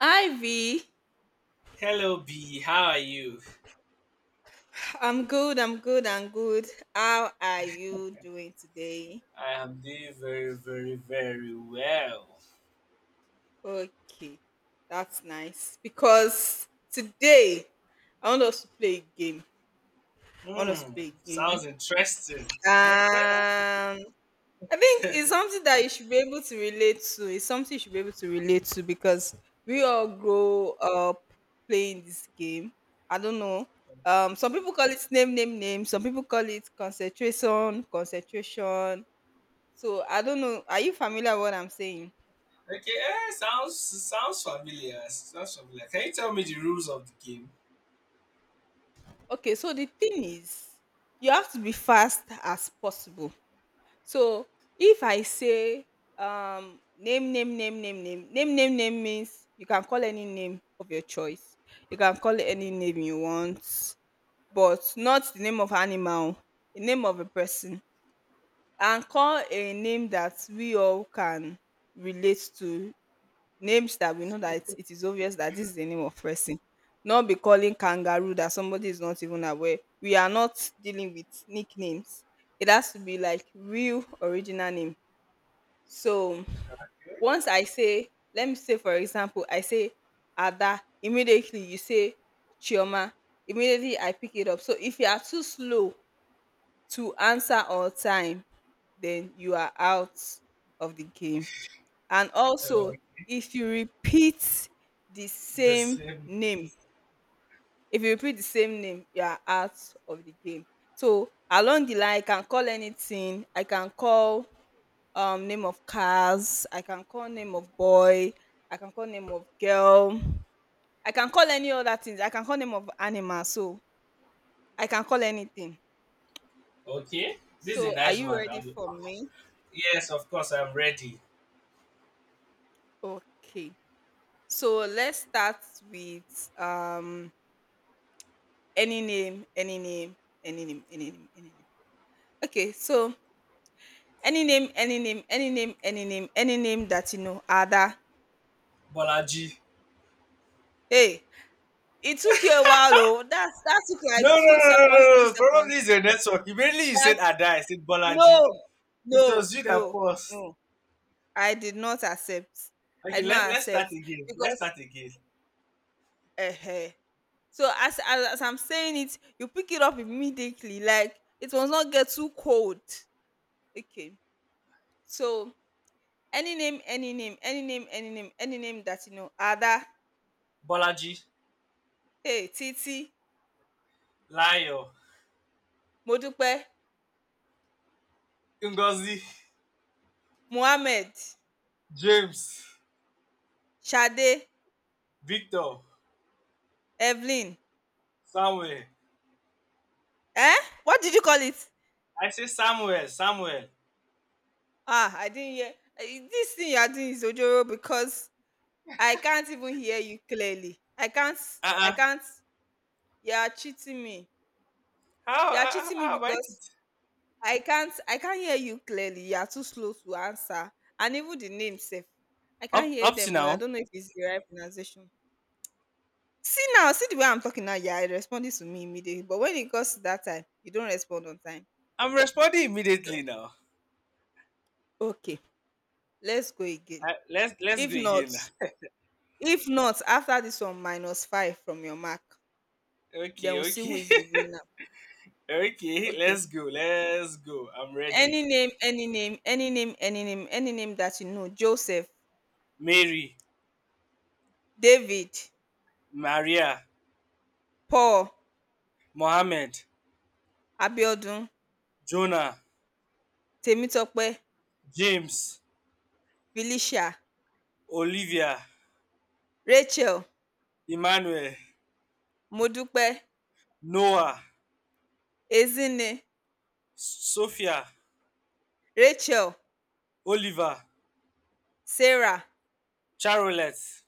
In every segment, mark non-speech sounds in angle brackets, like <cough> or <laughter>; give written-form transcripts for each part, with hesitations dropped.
Ivy, Hello, B. How are you? I'm good. How are you doing today? I am doing very, very, very well. Okay, that's nice. Because today, I want us to play a game. I want us to Hmm. play a Sounds game. interesting. <laughs> Okay. I think it's something that you should be able to relate to. It's something you should be able to relate to because we all grow up playing this game. I don't know. Some people call it name, name, name. Some people call it concentration, concentration. So I don't know. Are you familiar with what I'm saying? Eh, sounds familiar. Sounds familiar. Can you tell me the rules of the game? Okay, so the thing is, you have to be fast as possible. So if I say name, name, name, name, name, name, name, name means you can call any name of your choice. You can call it Okay. any name you want, but not the name of animal, the name of a person. And call a name that we all can relate to. Names that we know that it is obvious that this is the name of person. Not be calling kangaroo that somebody is not even aware. We are not dealing with nicknames. It has to be like real original name. So once I say, let me say for example, I say Ada, immediately you say Chioma. Immediately I pick it up. So if you are too slow to answer on time, then you are out of the game, and Uh, also if you repeat the the same same. name if you repeat the same name you are out of the game. So along the line I can call anything. I can call name of cars, I can call name of boy, I can call name of girl, I can call any other things, I can call name of animal. So I can call anything. Okay. This is a So are nice you one. ready I'm- for me? yes, of course. I'm ready. Okay, so let's start with any name, any name, any name, any name, any name. Okay, so any name, any name, any name, any name, any name that you know, Ada. Bolaji. Hey, it took you a while, oh. That took No, no, like two no, no, seconds, three no. No. seconds. Probably it's your network. Immediately you said That's Ada. I said Bolaji. no, It no, was you that no, paused. no. I did not accept. I Okay. did not Let's accept start again. Let's because start again. uh, so as I'm saying it, you pick it up immediately. Like it must not get too cold. Okay, so any name, any name, any name, any name, any name that you know. Ada, Bolaji, hey, Titi, Layo, Modupe, Ngozi, Mohammed, James, Sade, Victor, Evelyn. Samuel. Eh? What did you call it? I say Samuel, Samuel. Ah, I didn't hear. This thing you are doing is Ojoro because I can't even hear you clearly. I Uh-uh. can't. You are cheating me. You are cheating me How about because it? I can't hear you clearly. You are too slow to answer. And even the name, safe. I can't Up, hear up to them well. I now, don't know if it's the right pronunciation. See now, see the way I'm talking now, you are responding to me immediately. But when it comes to that time, you don't respond on time. I'm responding immediately now. Okay, let's go again. Let's If go not, again now. if not, after this one, minus five from your mark, then Okay, we'll see who okay, is the winner. <laughs> okay. Okay. Let's go, let's go. I'm ready. Any name, any name, any name, any name, any name that you know. Joseph, Mary, David, Maria, Paul, Mohammed, Abiodun, Jonah, Temitope, James, Felicia, Olivia, Rachel, Emmanuel, Modupe, Noah, Ezine, Sophia, Rachel, Oliver, Sarah, Charolette,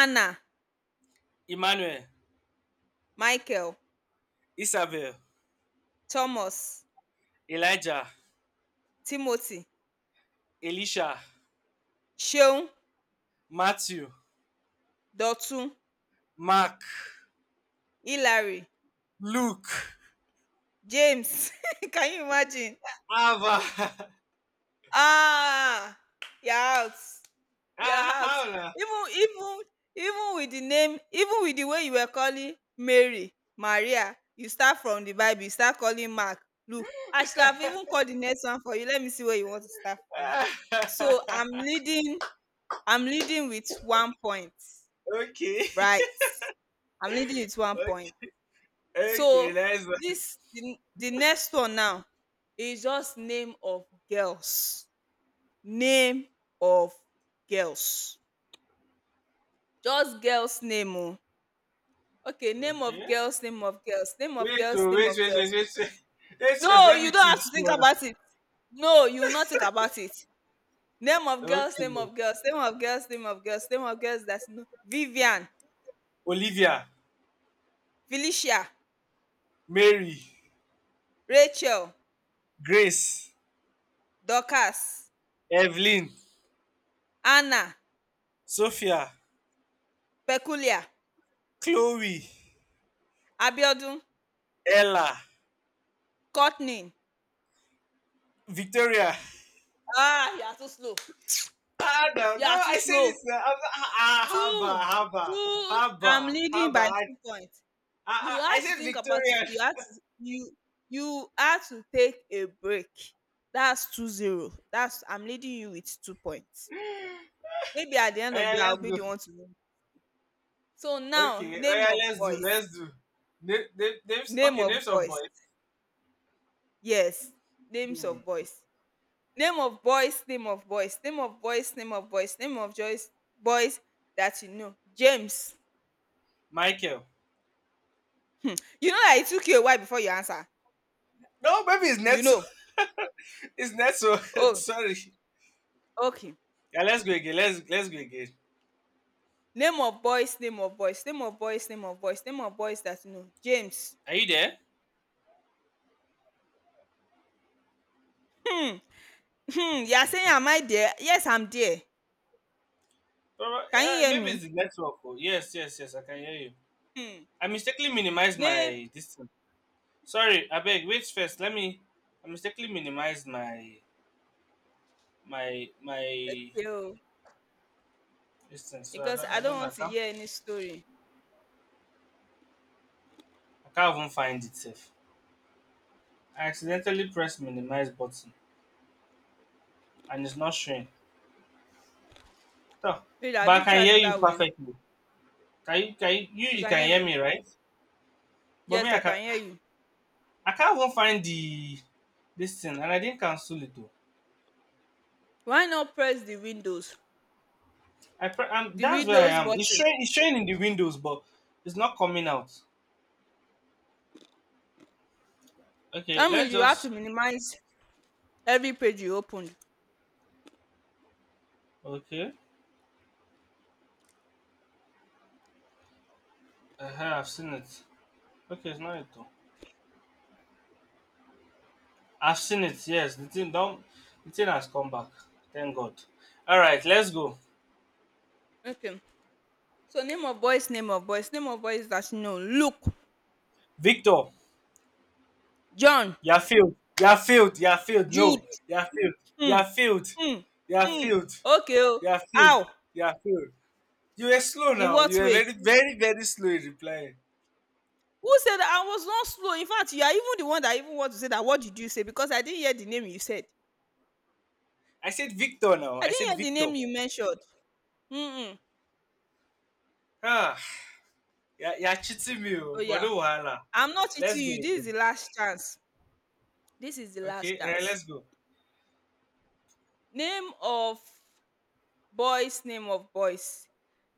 Anna, Emmanuel, Michael, Isabel, Thomas, Elijah, Timothy, Elisha, Ṣeun, Matthew, Dọ̀tun, Mark, Hillary, Luke, James. <laughs> Can you imagine? Ava. <laughs> Ah, you're out. You're Ah, out. how now? Even even with the name, even with the way you were calling Mary, Maria, you start from the Bible, you start calling Mark, Luke. I should have even called the next one for you. Let me see where you want to start from. So I'm leading with one point, <laughs> Okay. right? I'm leading with one point. Okay. Okay, So nice one. The next one now is just name of girls. Name of girls. Just girls name oh. Okay, name Okay. of girls, name of girls, name of Wait, girls, oh, name wait, of wait, wait, wait, girls. wait, wait. Wait first, No, let you me don't think have to think small. about it. No, you will not think about it. Name of girls, Okay. name of girls, name of girls, name of girls, name of girls that's no Vivian, Olivia, Felicia, Mary, Rachel, Grace, Dorcas, Evelyn, Anna, Sophia, Peculia, Chloe, Abiodun, Ella, Courtney, Victoria. ah, you are too slow. Ah, no, You no, are too I say slow. this. Ah, ah, Haba, Two, Haba, two. I'm Haba, leading Haba. by 2 points. You I have to said think about. Victorian. You have <laughs> to. You you have to take a break. That's 2-0. That's I'm leading you with 2 points. Maybe at the end Oh, of yeah, the day, I'll let's be the do. one to win. So now, Okay, oh, name yeah, of let's do, boys. let's do. Names, Name okay, of names of boys. boys. Yes, names Hmm. of boys. Name of boys. Name of boys. Name of boys. Name of boys. Name of boys. Boys that you know. James. Michael. You know that it took you a while before you answer. No, maybe it's You Netso. know. <laughs> It's Netso. <laughs> Oh, Sorry. okay. Yeah, let's go again. Let's go again. Name of boys, name of boys, name of boys, name of boys, name of boys that you know. James. Are you there? Hmm. Hmm. You are saying, am I there? Yes, I'm there. Can you Yeah, hear maybe it's me? the network. Oh. Yes, yes, yes. I can hear you. Hmm. I mistakenly minimized Name. my distance. Sorry, I beg. Wait first. Let me. I mistakenly minimized my Okay. Oh. distance, so Because I I don't don't know. Want to hear any story. I can't even find it safe. I accidentally pressed minimize button and it's not showing. So, Wait, have but you I can tried hear you other ways? perfectly. Can you, You you can can hear hear me? me, right? But me Yes, I I can can hear you. I can't even find the this thing, and I didn't cancel it though. Why not press the windows? I'm, The that's where I windows am. Button. It's showing in the windows, but it's not coming out. Okay, I let's mean, you have to just minimize every page you opened. okay. Uh-huh, I've seen it. Okay, it's not it though. I've seen it. Yes, the thing don't the thing has come back. Thank God. All right, let's go. Okay. So name of boys, name of boys, name of boys that you know, Luke, Victor, John, you're failed. You're failed. You're failed. No, Jude, you're failed. hmm, You're failed. hmm, You're hmm. failed. Okay o. You're failed. How? You're failed. You were slow In now. You what were way? very, very, very slow in replying. Who said that? I was not slow. In fact, you are even the one that even want to say that what did you say because I didn't hear the name you said. I said Victor now. I I didn't said hear the Victor. name you mentioned. Mm-mm. Ah, you're cheating me, Oh oh, but yeah. no wahala. I'm not Let's cheating go you. This is again. the last chance. This is the Okay, last eh, chance. let's go. Name of boys, name of boys.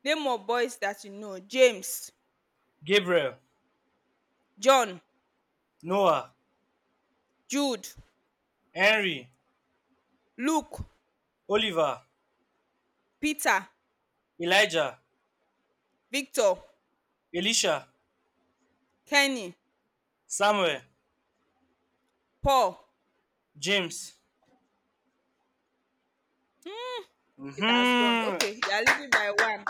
Name of boys that you know. James, Gabriel, John, Noah, Jude, Henry, Luke, Oliver, Peter, Elijah, Victor, Elisha, Kenny, Samuel, Paul. James. It has gone. Hmm. Okay, you are leading by 1.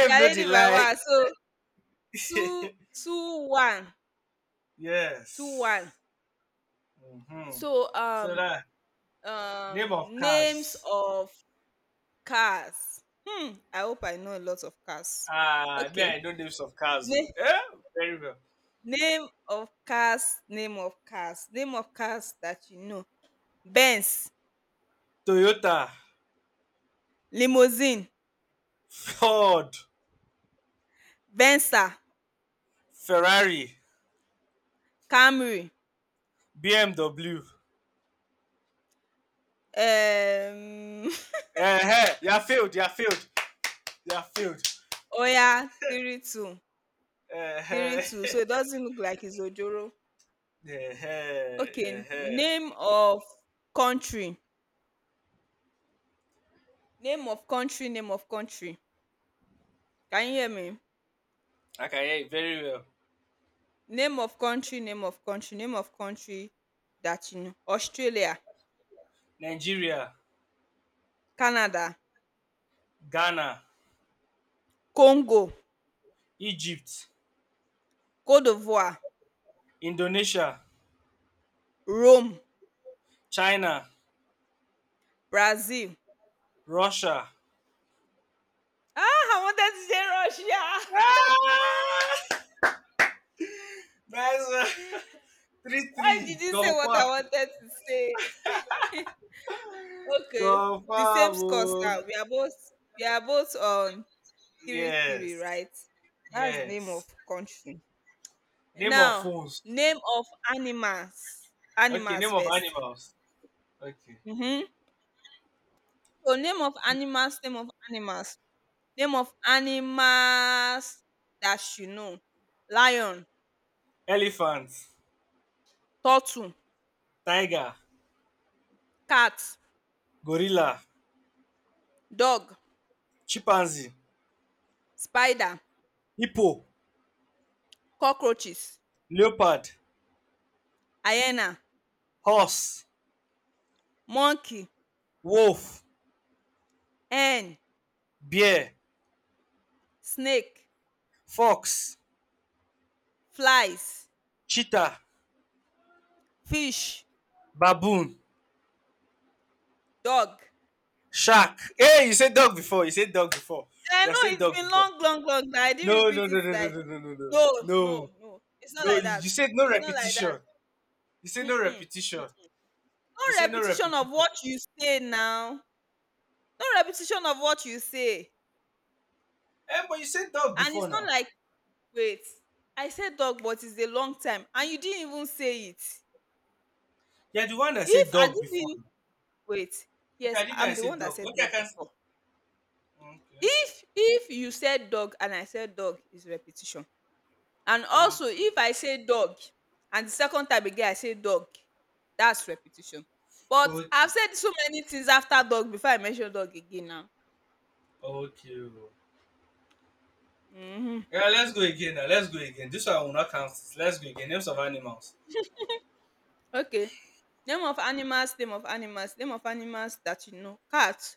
You are no leading by delay. 1. So, two, two, one, two, one. Yes. Yes. Hmm. So, So that name of names cars. of cars. Hmm, I hope I know a lot of cars. Ah, me Okay. I know names of cars. Na- Oh. Eh? Very well. name of cars, name of cars, name of cars that you know. Benz, Toyota, limousine, Ford, Venza, Ferrari, Camry. BMW. Um, Eh huh. You are failed. You are failed. You are failed. <laughs> Oya, 3-2. Eh Three huh. two, so it <laughs> doesn't look like it's ojoro. Eh huh. Eh Okay, huh. name of country. Name of country, name of country. Can you hear me? <laughs> I can hear you very well. Name of country, name of country, name of country that you know. Australia, Nigeria, Canada, Ghana, Congo, Egypt, Cote d'Ivoire, Indonesia, Rome, China, Brazil. Russia. Ah, I wanted to say Russia. <laughs> Ah! Nice one. <laughs> Three Why did three. you say what I Confirm. wanted to say? Okay. Confirm. The same scores Oh. now. We are both on three three, Yes. right? That's the name of Yes. country. Name of Now, phones. name of animals. Okay, Animals name of first. animals. Okay. Mm-hmm. So name of animals, name of animals, name of animals that you know. Lion, Elephant, turtle, tiger, cat, gorilla, dog, chimpanzee, spider, hippo, cockroaches, leopard, hyena, horse, monkey, wolf, hen, bear, snake, fox, flies, cheetah, fish, baboon. dog. Shark. Hey, you said dog before. You said dog before. And I You know said it's dog been before. Long that I didn't No, no, repeat it no, no, no, like no, no, no, no. no, no, No, no. It's not no. like You, that. you said no It's not like that. repetition. You said no Mm-mm. Mm. repetition. You No said no repetition repetition. of what you say now. No repetition of what you say. Eh, but you said dog And before it's not now. like, wait, I said dog, but it's a long time. And you didn't even say it. You're the one that If said I dog before didn't now. wait, Okay, yes, I I'm the said one that dog. said Okay, I dog can. Before. Okay. If you said dog and I said dog is repetition. And also Okay. if I say dog and the second time again I say dog, that's repetition. But Okay. I've said so many things after dog before I mention dog again now. Okay. Oh. Mhm. Yeah, let's go again now. Let's go again. This one will not count. Let's go again. Names of animals. Okay. Name of animals, name of animals, name of animals that you know. Cat,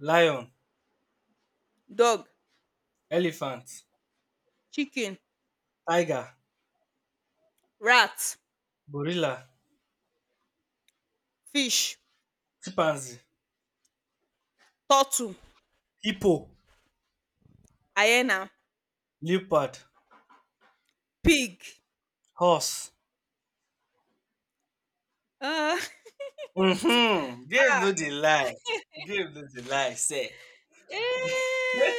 Lion, dog, elephant, chicken, tiger, rat, gorilla, fish, chimpanzee, turtle, hippo. hyena, Leopard, pig. horse. Uh, Mm-hmm. <laughs> Give ah, you the lie. Give you the lie, say. eh. <laughs> I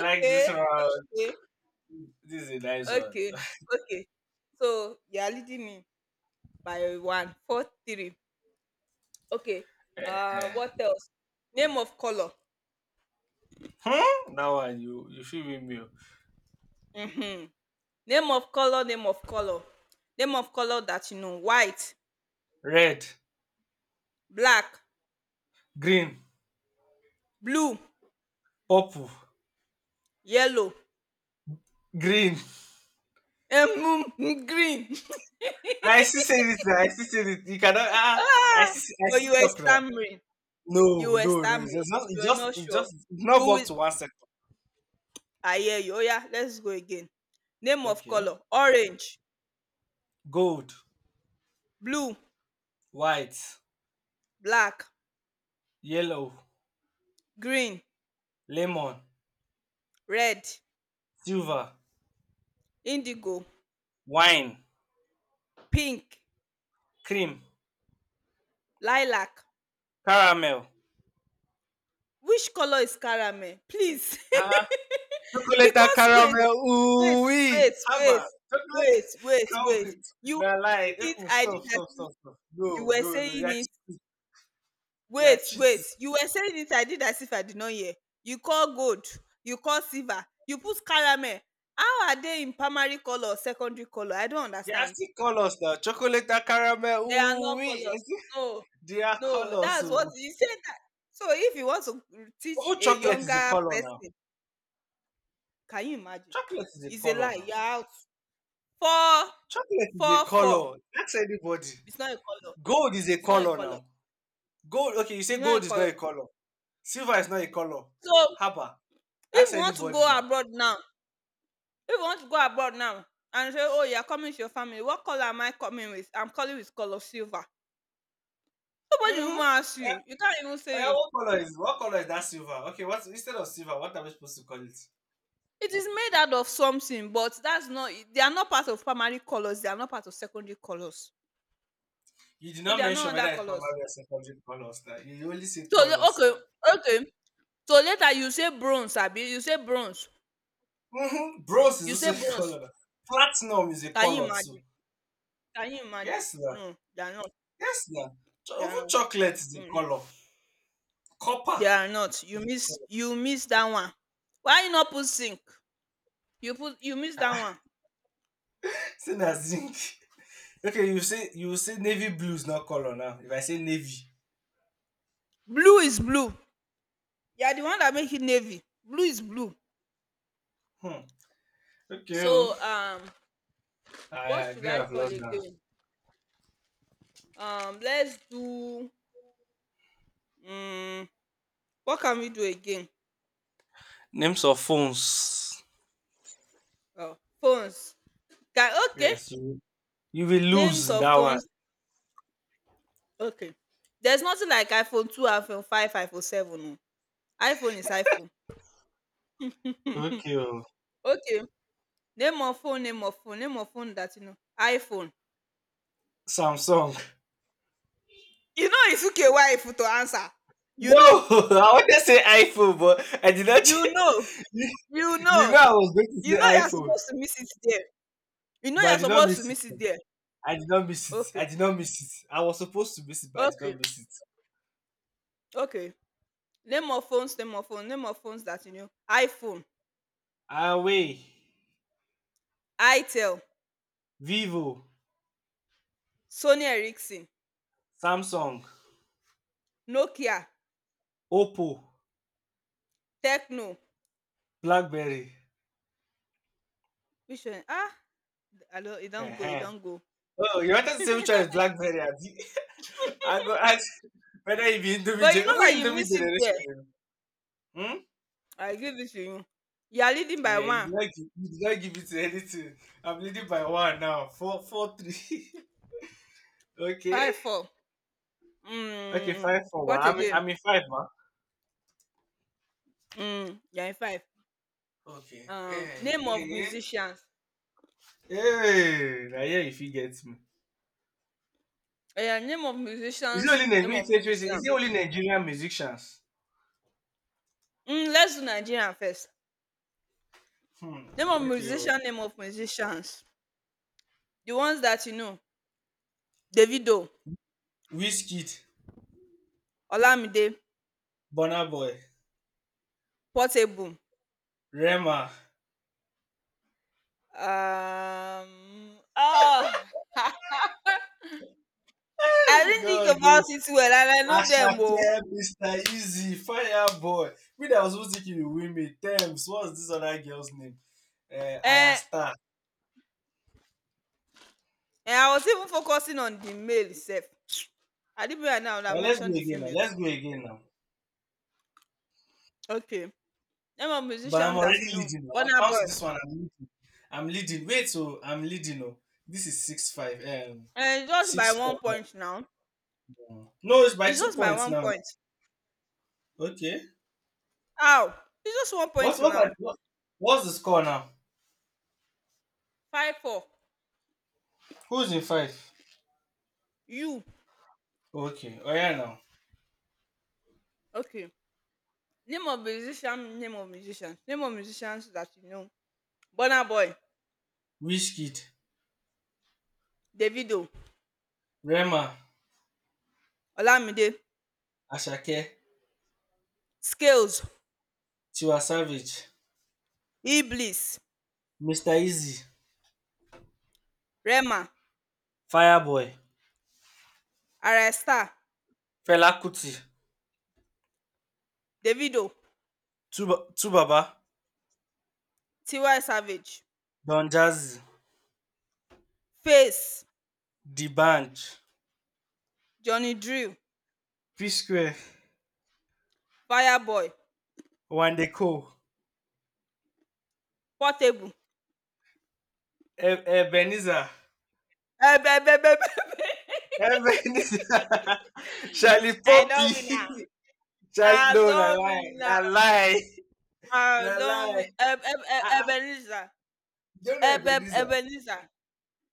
like this one. okay, This is a nice one. okay, <laughs> okay. So you are leading me. By one. 4-3. Okay. Eh, What else? Name of color. hmm? That one you feel with me. Oh. Mm-hmm. Name of color. Name of color. Name of color that you know: white, Red, black, green, blue, purple, yellow, green. um, green. I still say this. I still say this. You cannot. <laughs> Ah, ah. Ah! I But you still were talk now. stammering. No, You were no, no. It's stammering. just it You were just not it sure. just It's not Who up will? to 1 second. I hear you. Oh yeah. Let's go again. Name of Okay. color: orange, Gold, blue, white, black, yellow, green, lemon, red, silver, indigo, wine. pink, Cream, lilac. caramel. Which color is caramel? Please. <laughs> Uh-huh. Chocolate Because caramel. wait, Ooh wait, wee. wait, Haba, chocolate. <laughs> Come wait. with. You were Nah, lie. saying it, Mm, I stop, did as stop, if stop, stop. you No, were no, no. saying it. You're Wait, wait. cheating. You were saying it, I did as if I did not hear. You call gold, you call silver, you put caramel. How are they in primary color or secondary color? I don't They are understand. still us now. Chocolate caramel. They are Ooh, not wee. colors. <laughs> No, They are no, colors. that's what So, you said. That. So if you want to teach oh, a chocolate is a younger color now. person. Can you imagine? Chocolate is a It's a color lie. now. You're out. Four, Chocolate is a four. color. That's anybody. It's not a call-up. Gold is a It's not a color call-up. now. Gold. Okay, you say It's not gold a is not call-up. a color. Silver is not a color. So Haba. if Ask you want to anybody go now. abroad now, if you want to go abroad now and say, oh, you're coming with your family, what color am I coming with? I'm calling with color silver. Nobody will even Mm-hmm. ask Yeah. you. You can't even Oh, say yeah, it. what color is that silver? Okay, what instead of silver, what are we supposed to call it? It is made out of something, but that's not. They are not part of primary colors. They are not part of secondary colors. You did So not they are mention not under whether it's colors. primary or secondary colors. Now you only said So colors okay, now. okay. So later you say bronze, Abi. You say bronze. Mm-hmm. Bros is You say also <laughs> a bronze. color now. Platinum is a Can you color too. imagine? Can you imagine? Yes, now. No, they are not. Yes, now. They are Even not. chocolate is a Mm-mm. color. Copper, They are not. You <laughs> miss. You miss that one. Why you not put zinc? You put. You miss that one. same as zinc. <laughs> Okay, you say navy blue is not color now. If I say navy, Blue is blue. You are the one that make it navy. Blue is blue. hmm. Okay, oh. So I what should agree. I I've call lost that. again? Let's do. Um, what can we do again? Names of phones. Oh, phones. Okay. Yes. You will lose Names in of that one. phones. Okay. There's nothing like iPhone 2, iPhone 5, iPhone 7. Oh. iPhone is iPhone. Okay, oh, Okay. Name of phone, name of phone, name of phone that you know. iPhone. Samsung. You know it took a while to answer. You No, <laughs> know. I wanted to say iPhone, but I did not. You know. You <laughs> You know, know. I was going to You say know you're iPhone, supposed to miss it there. You know but I you're did not supposed miss to miss it it. there. I did not miss it. I Okay. did not miss it. I was supposed to miss it, but I did Okay. not miss it. Okay. Name of phones, name of phone, name of phones that you know. iPhone, Huawei, itel, Vivo, Sony Ericsson, Samsung, Nokia, Oppo, Techno. BlackBerry. Which one? Ah, I don't, it Uh don't go, it huh. don't go. Oh, you wanted to say which one is BlackBerry, abi? <laughs> I go ask whether you be Indomie But you generation. know Who that be you Indomie miss it there. generation? Hmm? I give it to you. You are leading by Yeah, one. You did not give it to anything. I'm leading by one now. Four, four, three. <laughs> Okay. 5, 4. Okay, Mm. five for one. What again? I'm in five, man. Mm. You're in 5. Okay. Hey, Name of hey, musicians. hey. Now here if you get me. Yeah, name of Is it musicians. only Name of Nigerian? Is musician. it only Nigerian musicians? Mm, let's do Nigerian first. Hmm. Name of Okay. Oh. musician. Name of musicians. The ones that you know: Davido, Wizkid, Olamide, Burna Boy, Portable. Rema. Oh, <laughs> I <laughs> didn't God. think Oh. about it well, and I know them. Oh, Asake, Mr. Easy, Fireboy. Me that was supposed to kill you, Wimmy, Thames. What's this other girl's name? Eh. Ayasta. And I was even focusing on the male itself. <tsk> I didn't realize now that Now I let's go mentioned the again now. female Let's too. go again now. Okay. Name of But I'm musicians already that you know. leading now. I Burna count Boy. this one. I'm leading. I'm leading. Wait, so I'm leading. Oh, this is 6-5. Eh, just by six 1 four. point now. now. No, it's by It's two just by points 1 now. Now. point. Okay. How? It's just 1 point What, are, now. what what's the score now? 5-4. Who's in five? You. Okay. Oh yeah now. Okay. Name of musician, name of musicians. Name of musicians that you know. Burna Boy. Wishkid, Davido. Rema, Olamide. Ashake, Scales. Tiwa Savage, Iblis. Mr. Easy, Rema. Fireboy, Arrestar. Fela Kuti, Davido. Tubaba, T.Y. Savage. Don Jazzy, Face. The Band, Johnny Drill. P Square, Fireboy. Wandeko, Portable. E- Ebenezer, Eh, be, be. Ebenezer, <laughs> <laughs> Charlie I love you Poppy, now. Charlie, no, I love you. na lie, <laughs> na Pardon lie. me, Eb Eb E Uh-uh. Ebenezer, Do you know Eb Eb Ebenezer? Ebenezer,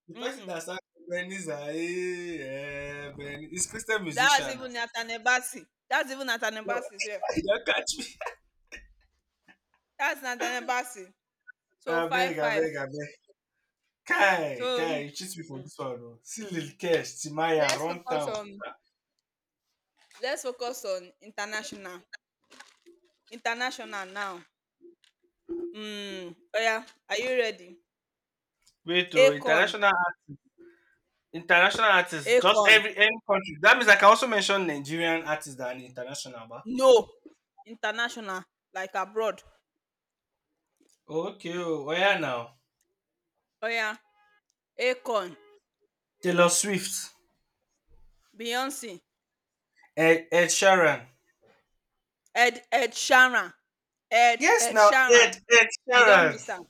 The person mm-mm, that sang Ebenezer, eh, he's Christian that's musician now. even Nathaniel Bassey, that's even Nathaniel No, Bassey sef, <laughs> you don't catch me. that's Nathaniel Bassey, <laughs> so I beg, I 5-5. beg, I beg. So, Kai, Kai, you cheat me for mm-mm, this one. Oh. See Lil Kesh, Timaya, let's focus Runtown. on let's focus on international now. Mm, oya, are you ready? Wait, oh, Akon, international. International artists, just Akon, every any country. That means I can also mention Nigerian artists that are international, but no, international like abroad. okay, oh, where now? Oya, Akon, Taylor Swift, Beyonce, Ed Sheeran. Ed Ed Sheeran. Ed Yes, Ed now Sheeran. Ed Ed You don't Sheeran, miss am.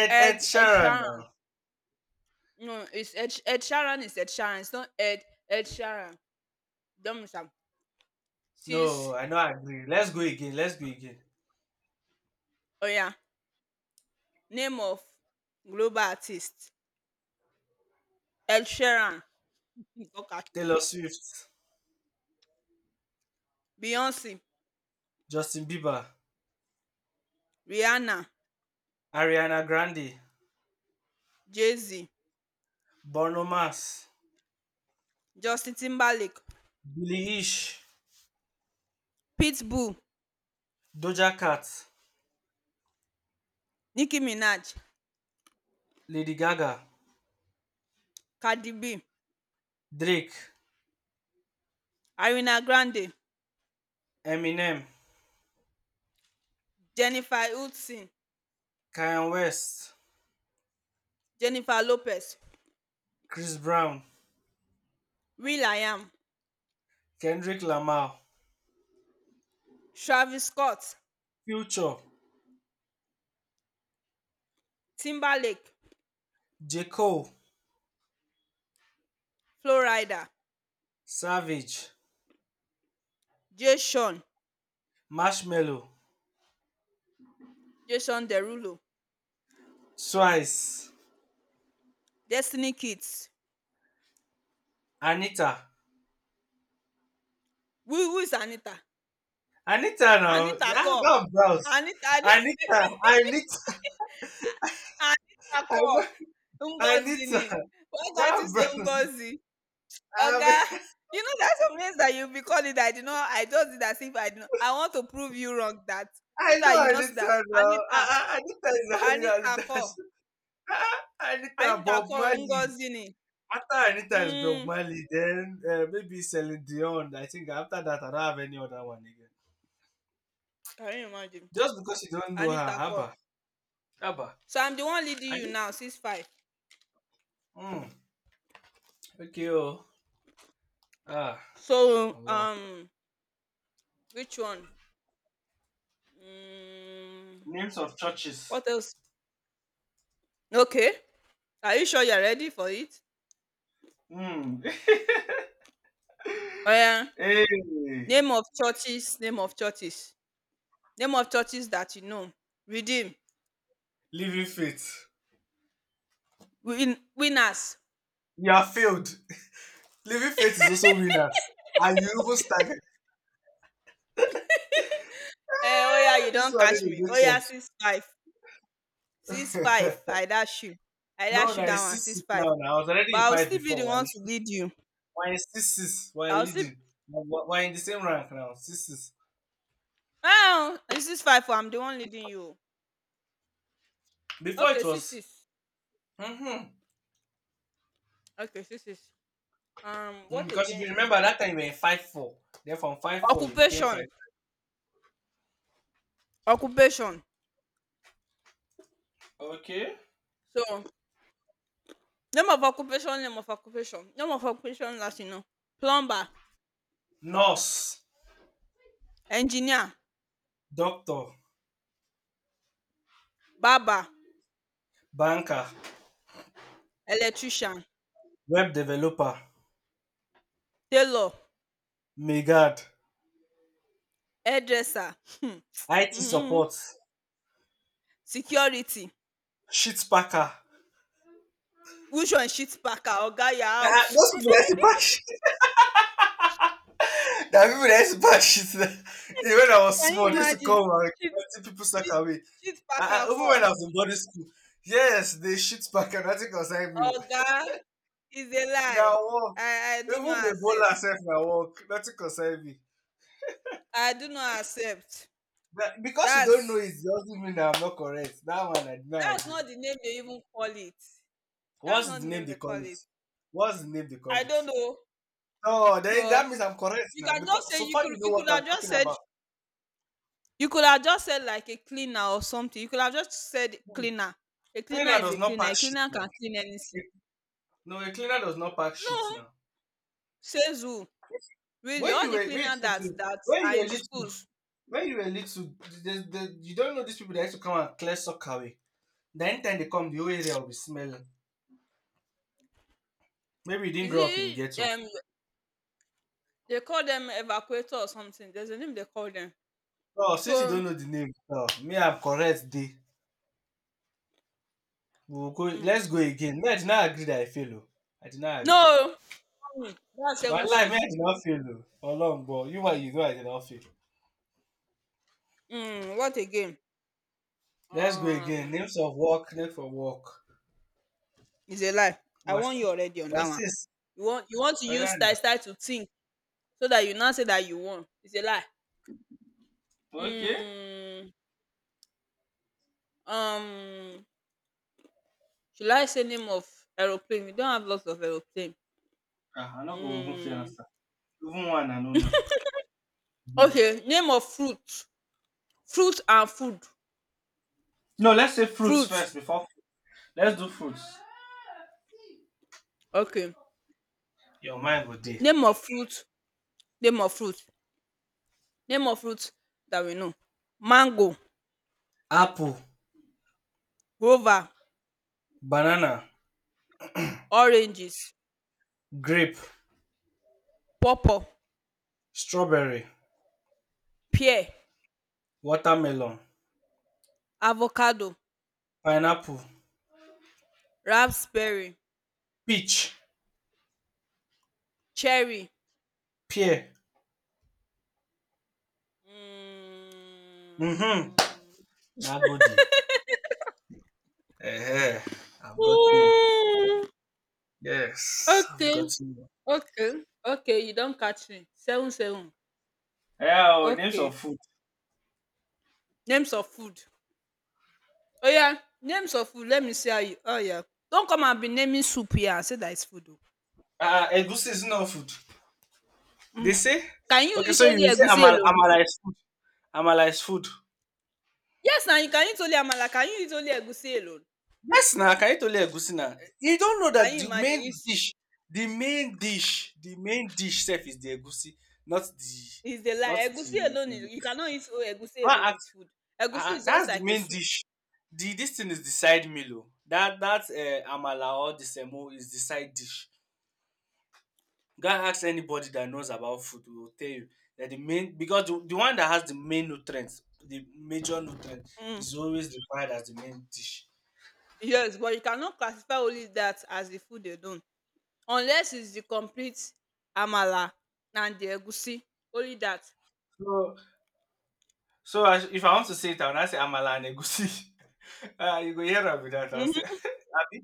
Ed Ed Ed Ed Sheeran. Sheeran. Now, No, it's Ed Ed Sheeran is Ed Sheeran. It's not Ed Ed Sheeran. Don't miss am. no, Sis I know, I agree. Let's go again. Let's go again. oya name of global artist. Ed Sheeran im don catch you. Taylor Swift, Beyonce, Justin Bieber, Rihanna, Ariana Grande, Jay-Z, Bruno Mars, Justin Timberlake, Billie Eilish, Pitbull, Doja Cat, Nicki Minaj, Lady Gaga, Cardi B, Drake, Ariana Grande, Eminem, Jennifer Hudson, Kanye West, Jennifer Lopez, Chris Brown. will.i.am, Kendrick Lamar, Travis Scott Future, Timberlake, J. Cole, Flo Rida, Savage, Jason, Marshmello, Jason Derulo, Twice, Destiny Kids. Anita. Who is Anita? Anita now. Anita Ah, kọ́. God bless. Anita <laughs> ni Anita, Anita, Anita I kọ́. know Ngozi Anita, ni. Why can't yeah, you say bless. Ngozi? I Oga, mean, you know there are some names that you be calling that I did not I just did as if I did not I want to prove you wrong that so I know that you know so that Anita now. Anita, Ah, ah, Anita is Anita Anita. kọ́. <laughs> Ah, Anita Anita Bob kọ́ Marley. Ngozi ni. After Anita is Mm, Bob Marley, then maybe Celine Dion. I think after that, I don't have any other one again. can you imagine? Just because you don't know her, Anita kọ́. Abba. Abba, So I'm the one leading I you need. now, 6-5. Mm, okay, oh. Ah, So Allah. Which one? Mm, Names of churches. what else? Okay. Are you sure you're ready for it? Mm. <laughs> Oh yeah. Hey, Name of churches. Name of churches. Name of churches that you know. Redeem. living faith. Winners. You are failed. <laughs> Living faith is also winners. And you even stagger. Eh, oh yeah, you Eh, this don't one catch didn't me. Oh yeah, good 6-5. 6-5. church. I dash you. <laughs> I No, dash na you that it's one. six Six six five. now. Na I was already But in I'll five still be the before. Why one it's to six? lead you. Why it's 6-6? Why I'll still. leading? Why in the same rank now? 6-6. Oh, this is five. Oh, I'm the one leading you. Before Okay, it six was. six. Mm-hmm. Okay, 6-6. Mm, What because if you again? remember that time you were in 5-4. Then from 5-4 you became 5. Occupation. Occupation. Okay. So, name of occupation, name of occupation. Name of occupation last you know. Plumber, Nurse, engineer, doctor, barber, banker, electrician, web developer, tailor, megad, hairdresser, hmm, IT mhm, support, security. sheet packer. Which one, shit packer or guy, you Ah, out? those people that used to pack shit. <laughs> There are people that used to pack shit. <laughs> Even when I <laughs> was Can small, you they used to imagine? come and Shit, empty people sack shit, away. shit Ah, packer ah, even when call. I was in boarding school, yes, they shit pack and nothing concern me. Oga is a Now lie. work, I do even not the bowler accept. self na work, nothing concern me. I do not accept. But because you don't know, That's it doesn't mean that I'm not correct. That one I did not That's agree. not the name they even call it. That's What's not the the name name they they call call it? it. What's the name they call I it? don't know, Oh, then that but means I'm correct you now can just because say so far you know what I'm talking about. you could have just said like a cleaner or something. You could have just said cleaner. A cleaner Cleaner is does a not cleaner. pack A shit cleaner can now. clean anything. A- No, a cleaner does not pack No, shit now. says who? Really, When all you were the Wait, wait, cleaner that wait. that are in schools. When you were little, you don't know these people that used to come and clear sock away. The anytime they come, the whole area will be smelling. Maybe you didn't Is grow up in it ghetto. um they call them evacuator or something? There's a name they call them. Oh, since you So don't know the name, oh, me I'm correct. D. We'll go. mm. Let's go again. Me, I did not agree that I fail, oh. I did not agree. no, that's seven Wallahi, me I six. did not fail o. Ọlọ́run gbọ́, you and you know I did not fail. What again? Let's go again. Um Names of work, name for work. It's a lie. I What's warn you already on that what's one. this? You want to Oya use na. style style to think so that you now say that you won. It's a lie. Okay. Mm, um, should I say name of aeroplane? We don't have lots of aeroplane. Ah, I no go even fit Mm, answer. Even one I no know. Mhm. okay, name of fruit. Fruit and food. No, let's say fruits Fruit. first before let's do fruits. Okay. Your mind go dey. Name of fruit. Name of fruit. Name of fruit that we know. Mango, Apple, guava, banana, oranges, grape, pawpaw, strawberry, pear, watermelon, avocado, pineapple, raspberry, peach, cherry, pear. Mm. Mm-hmm. Na go dey. Eh, eh, I've gotten you. Mm. Yes, I've Okay, gotten you. okay, okay, you don catch me. 7-7. Yeah, oh, names Okay. of food. Names of food. Oya, names of food. Let me see how you oya. Don't come and be naming soup here and say that it's food oo. Ah, egusi is not food. They Mm. say Can you okay, eat so you only say egusi amala, alone? amala is food. Amala is food. Yes na, you can eat only amala. Can you eat only egusi alone? Yes, now can you tell egusi now? You don't know Can that you the imagine? main It's dish, the main dish, the main dish self is the egusi, not the, it's a not lie. Egusi the. alone The is you this. cannot eat o egusi Don't alone with ask- food. Ah, Egusi ah, is just that's the like a main soup. dish. The this thing is the side meal, oh. That that amala or the semo is the side dish. You can ask anybody that knows about food, they will tell you that the main because the one that has the main nutrients, the major nutrient, Mm. is always required as the main dish. Yes, but you cannot classify only that as the food alone unless it's the complete amala and the egusi. Only that. So, so I, if I want to say it, I will not say amala and egusi. <laughs> Ah, you go hear am with that. I will say, <laughs> Mhm, Abi,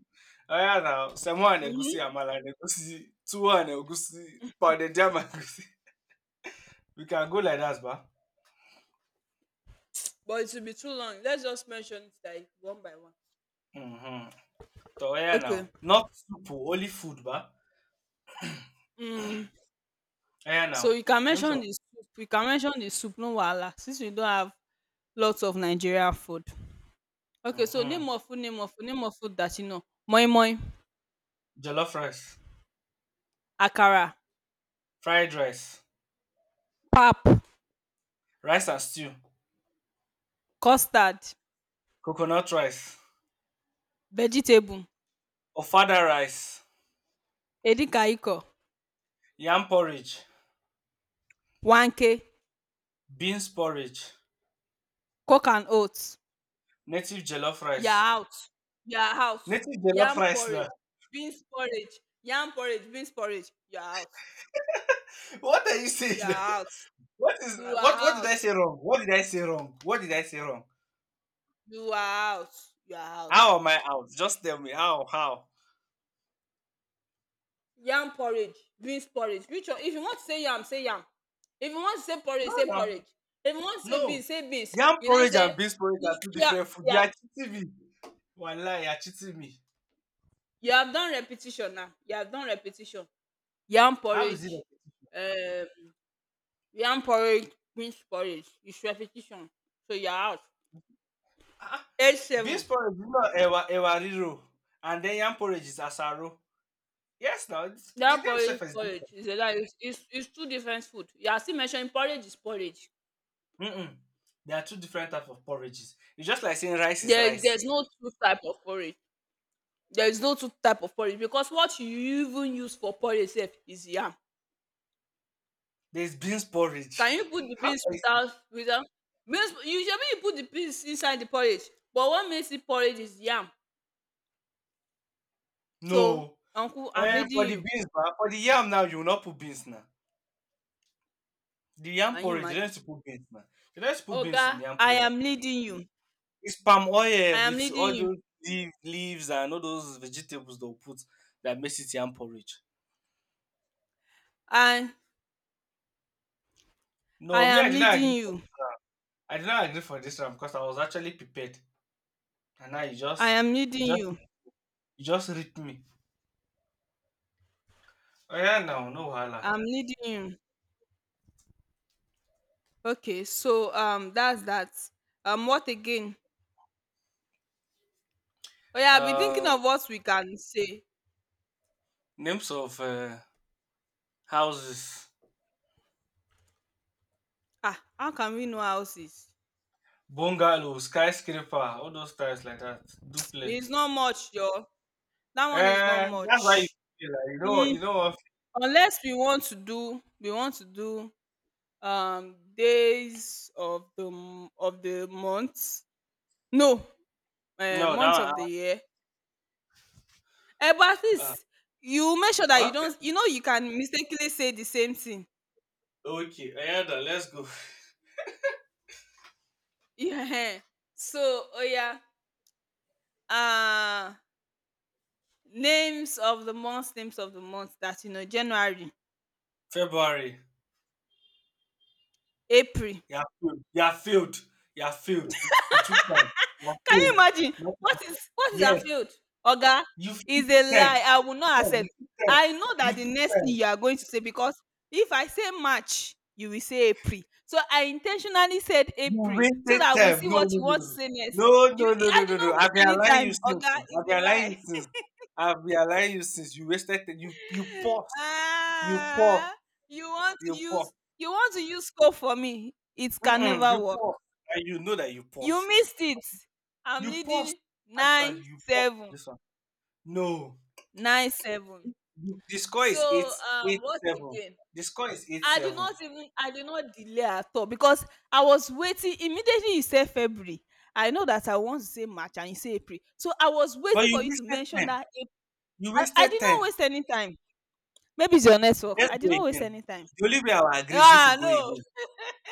oh yeah, now semo and egusi, mhm. amala and egusi, tuwo and egusi, pounded yam and egusi. <laughs> We can go like that, ba. But it will be too long. Let's just mention it like one by one. Mm-hmm. So oh yeah, now Okay. not soup, oh, only food, ba. Mm. Oh yeah, So now you can name some. mention the soup. You can mention the soup, no wahala, since we don't have lots of Nigerian food. Okay, so Mm-hmm. name of food, name of food, name of food that you know. Moi moi, Jollof rice, akara, fried rice, pap, rice and stew, custard, coconut rice, vegetable, ofada rice, edikaiko, yam porridge, wanke, beans porridge, coke and oats. native jollof You're rice. out. You're out. Native jollof Yam rice now. porridge, beans porridge, yam porridge, beans porridge. You are out. <laughs> What are you You saying? <laughs> are out. What is You are what did out. I say wrong? What did I say wrong? What did I say wrong? You are out. You are out. How am I out? Just tell me how. Yam porridge, beans porridge. Which one? If you want to say yam, say yam. If you want to say No, porridge, say no, porridge. If you want to say no. beans, say beans. Yam You now porridge and say beans porridge you are two you have, different food. you You have, are cheating me. Wallah, you are cheating me. you have done repetition now. You have done repetition. Yam How is it? porridge, um, yam porridge, beans porridge. It's repetition. So you're out. Ah, beans A7. porridge is not ewa ewa and then yam porridge is asaro. Yes, now it's, the That name self porridge is different. porridge is a lie. It's 2 different food. You are still mentioning porridge is porridge. Mm-mm. There are two different types of porridges. It's just like saying rice is There rice. there's no 2 type of porridge. There is no 2 type of porridge because what you even use for porridge sef is yam. There's beans Can porridge. you put the How beans can you say- without beans you shebi you put the beans inside the porridge but what makes it porridge is yam. So No. uncle I'm And leading for the you. beans, ma, for the yam now, you will not put beans now. The yam Can you porridge, you don't imagine? need to put beans now. You don't need to put Oga beans in the yam I porridge. am leading you. It's palm I oil am with leading all you. those leaves and all those vegetables they'll put that makes it yam porridge. I I No, me, I am did not leading agree. For, you. I did not agree for this one because I was actually prepared, and now I am you leading just, you. you just ripped me. Oh, yeah, now, no wahala. I'm needing you. Okay, so that's that. What again? Oh yeah, I've been thinking Uh, of what we can say. names of houses, Ah, how can we know houses? bungalow, skyscraper, all those styles like that, It's duplex. not much, yo. That one is not That's why you much. feel like, Mm, you know what? unless we want to do days of the month. No, No, month that of one. the year. Eh, but at Uh, uh, least you make sure that what? you don't you know you can mistakenly say the same thing. <laughs> Okay, oh, yeah, let's go. Yeah. So oh yeah. uh Names of the months, names of the months that you know. January, February, April. you're filled. You're filled. You're filled. You are failed. You took time. You're Can you filled. imagine? what Nothing- is what is that Yes, field? Oga, you is a took lie. time. I will not You took time. accept. You took time. I know You that took the next thing time. you are going to say, because if I say March you will say April, so I intentionally said You April so wasted that we time. see No, what no, you want no. to say next. No, no, You, no, no, I no, do no, no. not I've waste been any allowing you time. since, Oga, oh. I've is a been allowing you lie. since. I've been allowing you since. You wasted time. You paused. You paused. Ah, you want to You use paused. you want to use scope for me. It can Mm-mm, never you work. paused. And you know that you You paused. missed it. I'm You paused. leading nine Actually, you paused on seven this one. No. nine seven. The score So, is eight eight what 7. again? The score is 8 7. I did not delay at all because I was waiting immediately you said February. I know that I want to say March and you say April. So I was But waiting you for you to wasted mention time. that April. You I wasted did not time. waste any time. Maybe it's your network. Let's I go did not waste again. any time. The only way I'll agree is if we Ah, go no, again.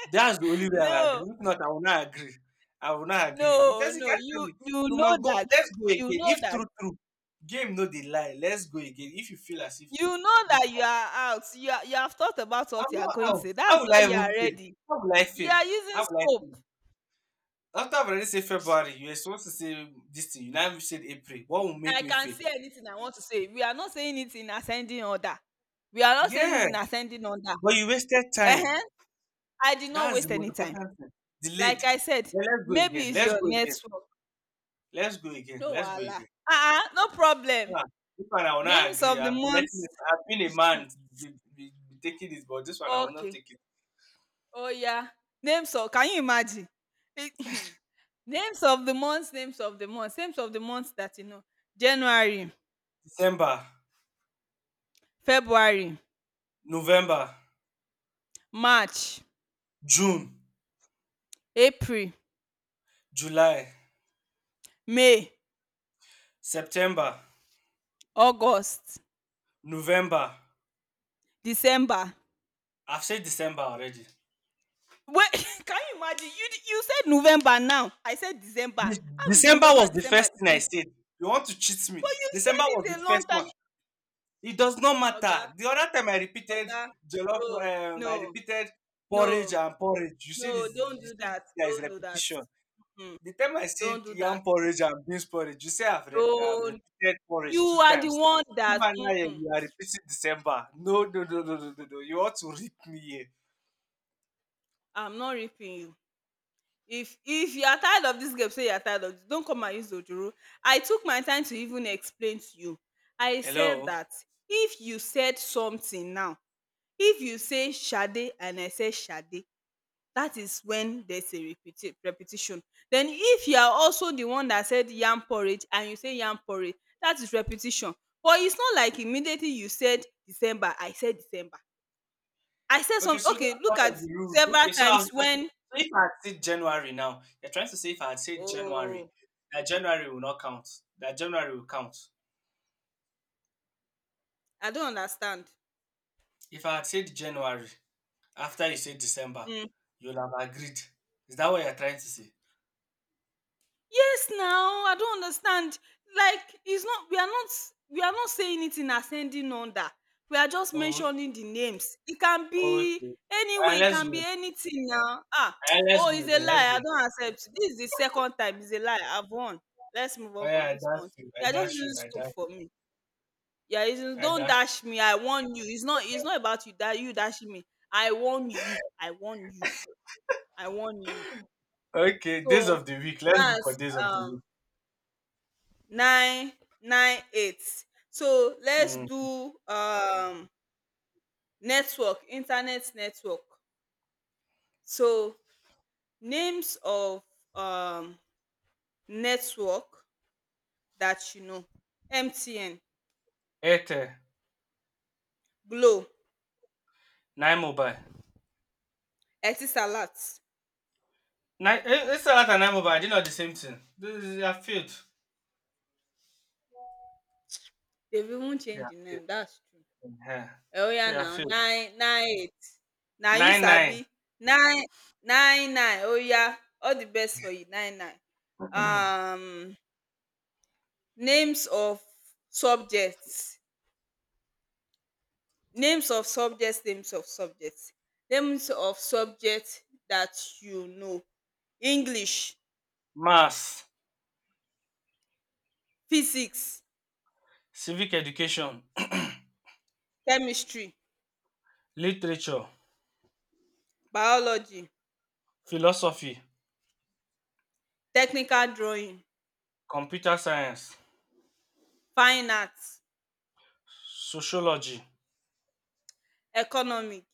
That's the only <laughs> way I will agree. no, If not, I will not agree. I will not agree. no, Because you no. can't tell You me you you know must go. that. Let's go You again. know If that true, true, game no the lie. Let's go again. If you feel as if You know this, that you are out. You have thought about what I'm you are not going to out. say. That's How will why I you are even feel? ready. How will I You feel? are using How will I scope. feel? After I've already said February, you were supposed to say this thing. You now even said April. What will make I me can feel? say anything I want to say. We are not saying it in ascending order. We are not saying it Yeah, in ascending order. but you wasted time. uh I did not That's the waste most any time. important thing. Delayed. Like I said, Yeah, let's go again. maybe it's Let's your go again. network. Let's go again. No Let's go wahala. again. Uh-uh, no problem. Ah, this one I will not Names agree. of the I've been letting this. months. I've been a Hmm. man be, be taking this, but this one I will not Okay. take it. Oh yeah. Names of. Can you imagine? <laughs> It- Names of the months, names of the months that you know. January, December, February, November, March, June, April, July, May, September, August, November. December. I've said December already. Wait, <laughs> can you imagine? You said November now. I said December. This, How is December November was and the December first the thing I same thing? said. You want to cheat me? But you December said was the it a long first time. one. It does not matter. Oga, The other time I repeated Oga, jollof, no, no, I repeated no, porridge and porridge. You no, said this. don't You do said that. there is Don't do that. repetition. Mm-mm. The time I said Don't do that. yam porridge and beans porridge, you say I've, I've Don't. repeated You porridge two are the times. one that. Man, Mm-mm. you are repeating December. No, no, no, no, no, no, no. You ought to rip me here. I'm not ripping you. If you are tired of this game, say you are tired of this. Don't come and use ojoro. I took my time to even explain to you. I said Hello. that if you said something now, if you say Sade and I say Sade, that is when there's a repetition. Then if you are also the one that said yam porridge and you say yam porridge, that is repetition. But it's not like immediately you said December I said December. I said Okay, some. so Okay, that's look part at of the rules. several Okay, so I, times I should, when, so if I had said January now, you're trying to say if I had said January, oh, that January will not count. That January will count. I don't understand. If I had said January after you said December, Hmm. you'll have agreed. Is that what you're trying to say? Yes now, I don't understand. Like, it's not, we are not, we are not saying it in ascending order. We are just Oh, mentioning the names. It can be okay. All anyway, right, it let's can be go. anything now. Ah, Ah, <tsk> let's oh, go it's a again. Let's go. lie. I again. don't accept. This is the second time. It's a lie. I've won. Let's move Oh on yeah, from I this dash one. you. I Yeah, just dash you. using I scope dash. for me. Yeah, are I Don't dash. dash me. I warn you. It's You. not about you that you dashing me. I warn you. I warn you. I warn you. Okay, days So of the week. Let's go for that's days of the um week. 998. So let's Mm. do network, internet network. So names of um network that you know. MTN, Airtel, glo, nine mobile. etisalat. Nine, it's a lot of nine mobile. They're not the same thing. This is your field. They've even Yeah, changed the name, that's true. field. Yeah. Eh, So oya your now, field. 998, na you Nine nine. sabi. Nine nine nine, oya, all the best for you. Nine nine <clears throat> um. Names of subjects. Names of subjects. Names of subjects that you know. English, Mass, physics, civic education, <clears throat> chemistry, literature, biology, philosophy, technical drawing, computer science, fine arts, sociology, economic,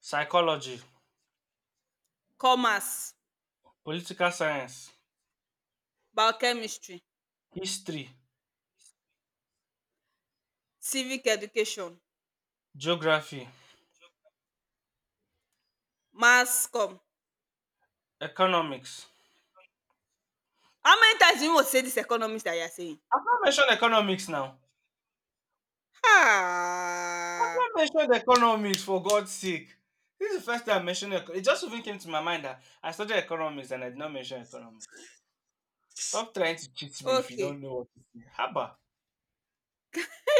psychology, commerce, political science, biochemistry, history, civic education, geography, mass comm. economics, How many times do you want to say this economics that you are saying? I've not mentioned economics now. I've Ah, not mentioned economics for God's sake. This is the first time I mentioned it. It just even came to my mind that I studied economics and I did not mention economics. Stop trying to cheat me if you okay. don't know what to say. Haba.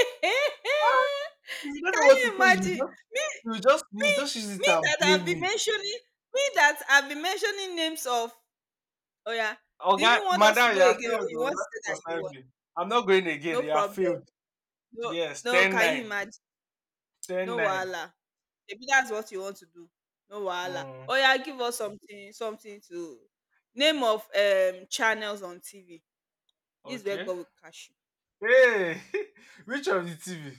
<laughs> If you don't know Can what you to say, you imagine? just you just you me just use it me and that I've blame been me. mentioning me that I've been mentioning names of, oh yeah. Oh Do God, you want us to madam, you go have again or failed you though. want to say Nothing that you concern want? me. I'm not going again. No You have problem. failed. No, Yes, no can you 10-9. imagine? No wahala. Maybe that's what you want to do. No wahala. Mm, Oh yeah, give us something, something to. Name of channels on TV. This is where okay. God will catch. Hey, <laughs> which of the TV?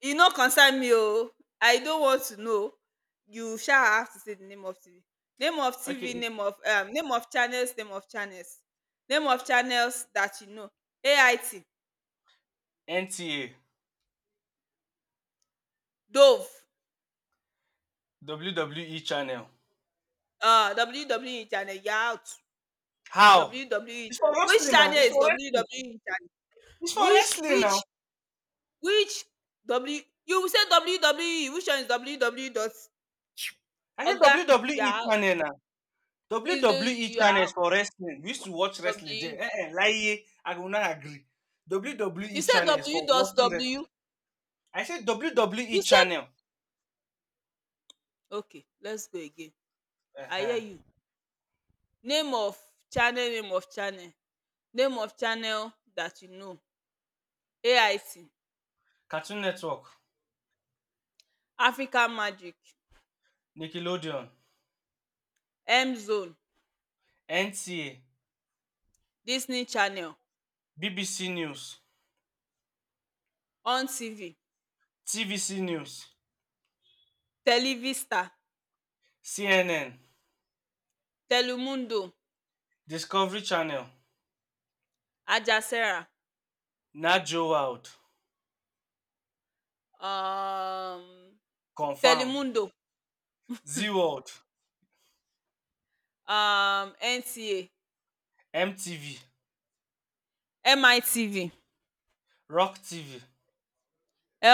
E no concern me oo. I don't want to know. You sha have to say the name of TV. Name of Okay, TV, name of channels, Name of channels that you know. AIT, NTA. Dove, WWE channel. uh, WWE channel, you're out. How? WWE It's for channel. Which wrestling now. channel It's is for wrestling. WWE channel? It's for Which wrestling now. which which W you will say WWE, which one is WWE dot. I said Oga, you're WWE out. channel now. Is the, WWE you are channel is out. for wrestling. We used to watch wrestling there. W. Eh, eh, lie. I will not agree. You WWE say channel is W for dot watching wrestling. W. I said WWE You say. channel. Okay, let's go again. I hear Uh-huh. you. Name of channel, name of channel dat you know. AIT, Cartoon Network, Africa Magic, Nickelodeon, M-Zone, NTA, Disney Channel, BBC News, On TV, TVC News, Televista, CNN, Telemundo, Discovery Channel, Aljazeera, Najo World, um, Confirm, Telemundo, Z World. um, NTA, MTV, MITV, Rock TV,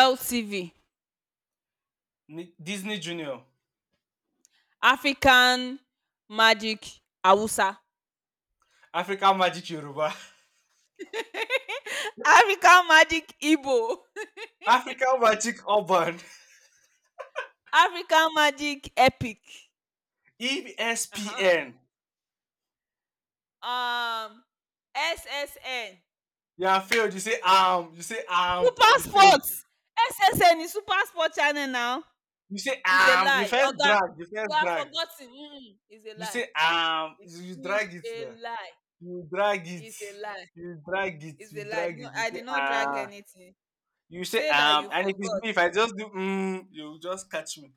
LTV, Disney Junior, African Magic Hausa, African Magic Yoruba, <laughs> African Magic Igbo, <laughs> African Magic Urban, African Magic Epic. Uh-huh. ESPN. Um, SSN. You have failed. You say. You say. Super You failed. Sports. SSN is Super Sport channel now. You say It's a um. You lie. first Oga, drag. You you first have drag. forgotten. Mm-mm. It's a You lie. say. It's Drag it there. a lie. You drag it. It's a lie. You drag it. It's You a lie. drag No, it. You I say did not drag um. anything. You say Say that um. you And if it's forgot. me, if I just do you just catch me.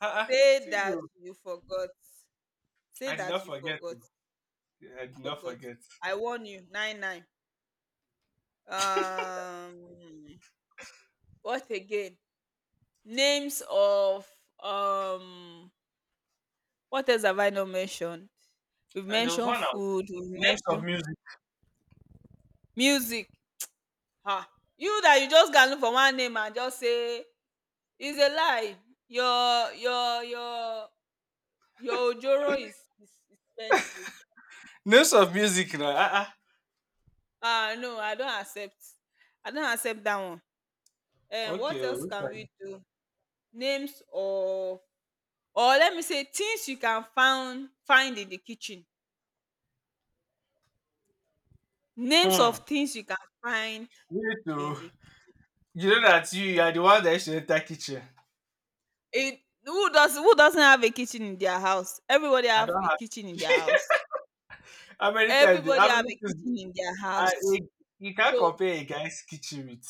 Uh-uh. Say See that you. you forgot. Say I did that not you forget, forgot. oh. I You did not forgot. forget. I warn you. Nine nine. Um, what again? Names of um what else have I not mentioned? We've And there was mentioned one I food, we've Names of mentioned music. music. Ah, you that you just can look for one name and just say, it's a lie. Your your your your ojoro is expensive. Names of music now. Ah, ah. Ah no, I don't accept. I don't accept that one. And Okay, what oh, else which can we one? do? Names of, or let me say, things you can find in the kitchen. Names of Hmm. things you can find Wait, need in the you know that you are the one that should enter kitchen. in. Who does, who doesn't have a kitchen in their house? Everybody I have don't a kitchen in their have. house. <laughs> How many times? Everybody How have many a times? kitchen in their I, house. you, you can't So compare a guy's kitchen with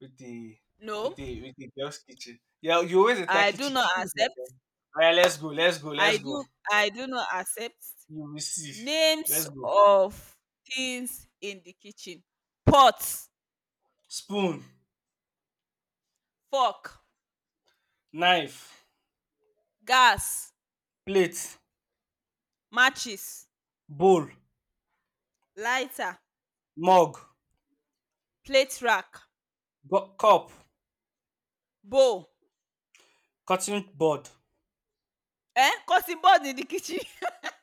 with the with no, the with the girl's kitchen. Yeah, you always enter I do kitchen. not Kitchen is like. accept. that. All right, let's go. Let's go. I Let's go. do I do not accept. You will see. Names Let's go. of things in the kitchen. Pot, Spoon, fork, knife, gas, plate, matches, bowl, lighter, mug, plate rack, cup, bowl. cotton board. Eh? Cutting board in the kitchen.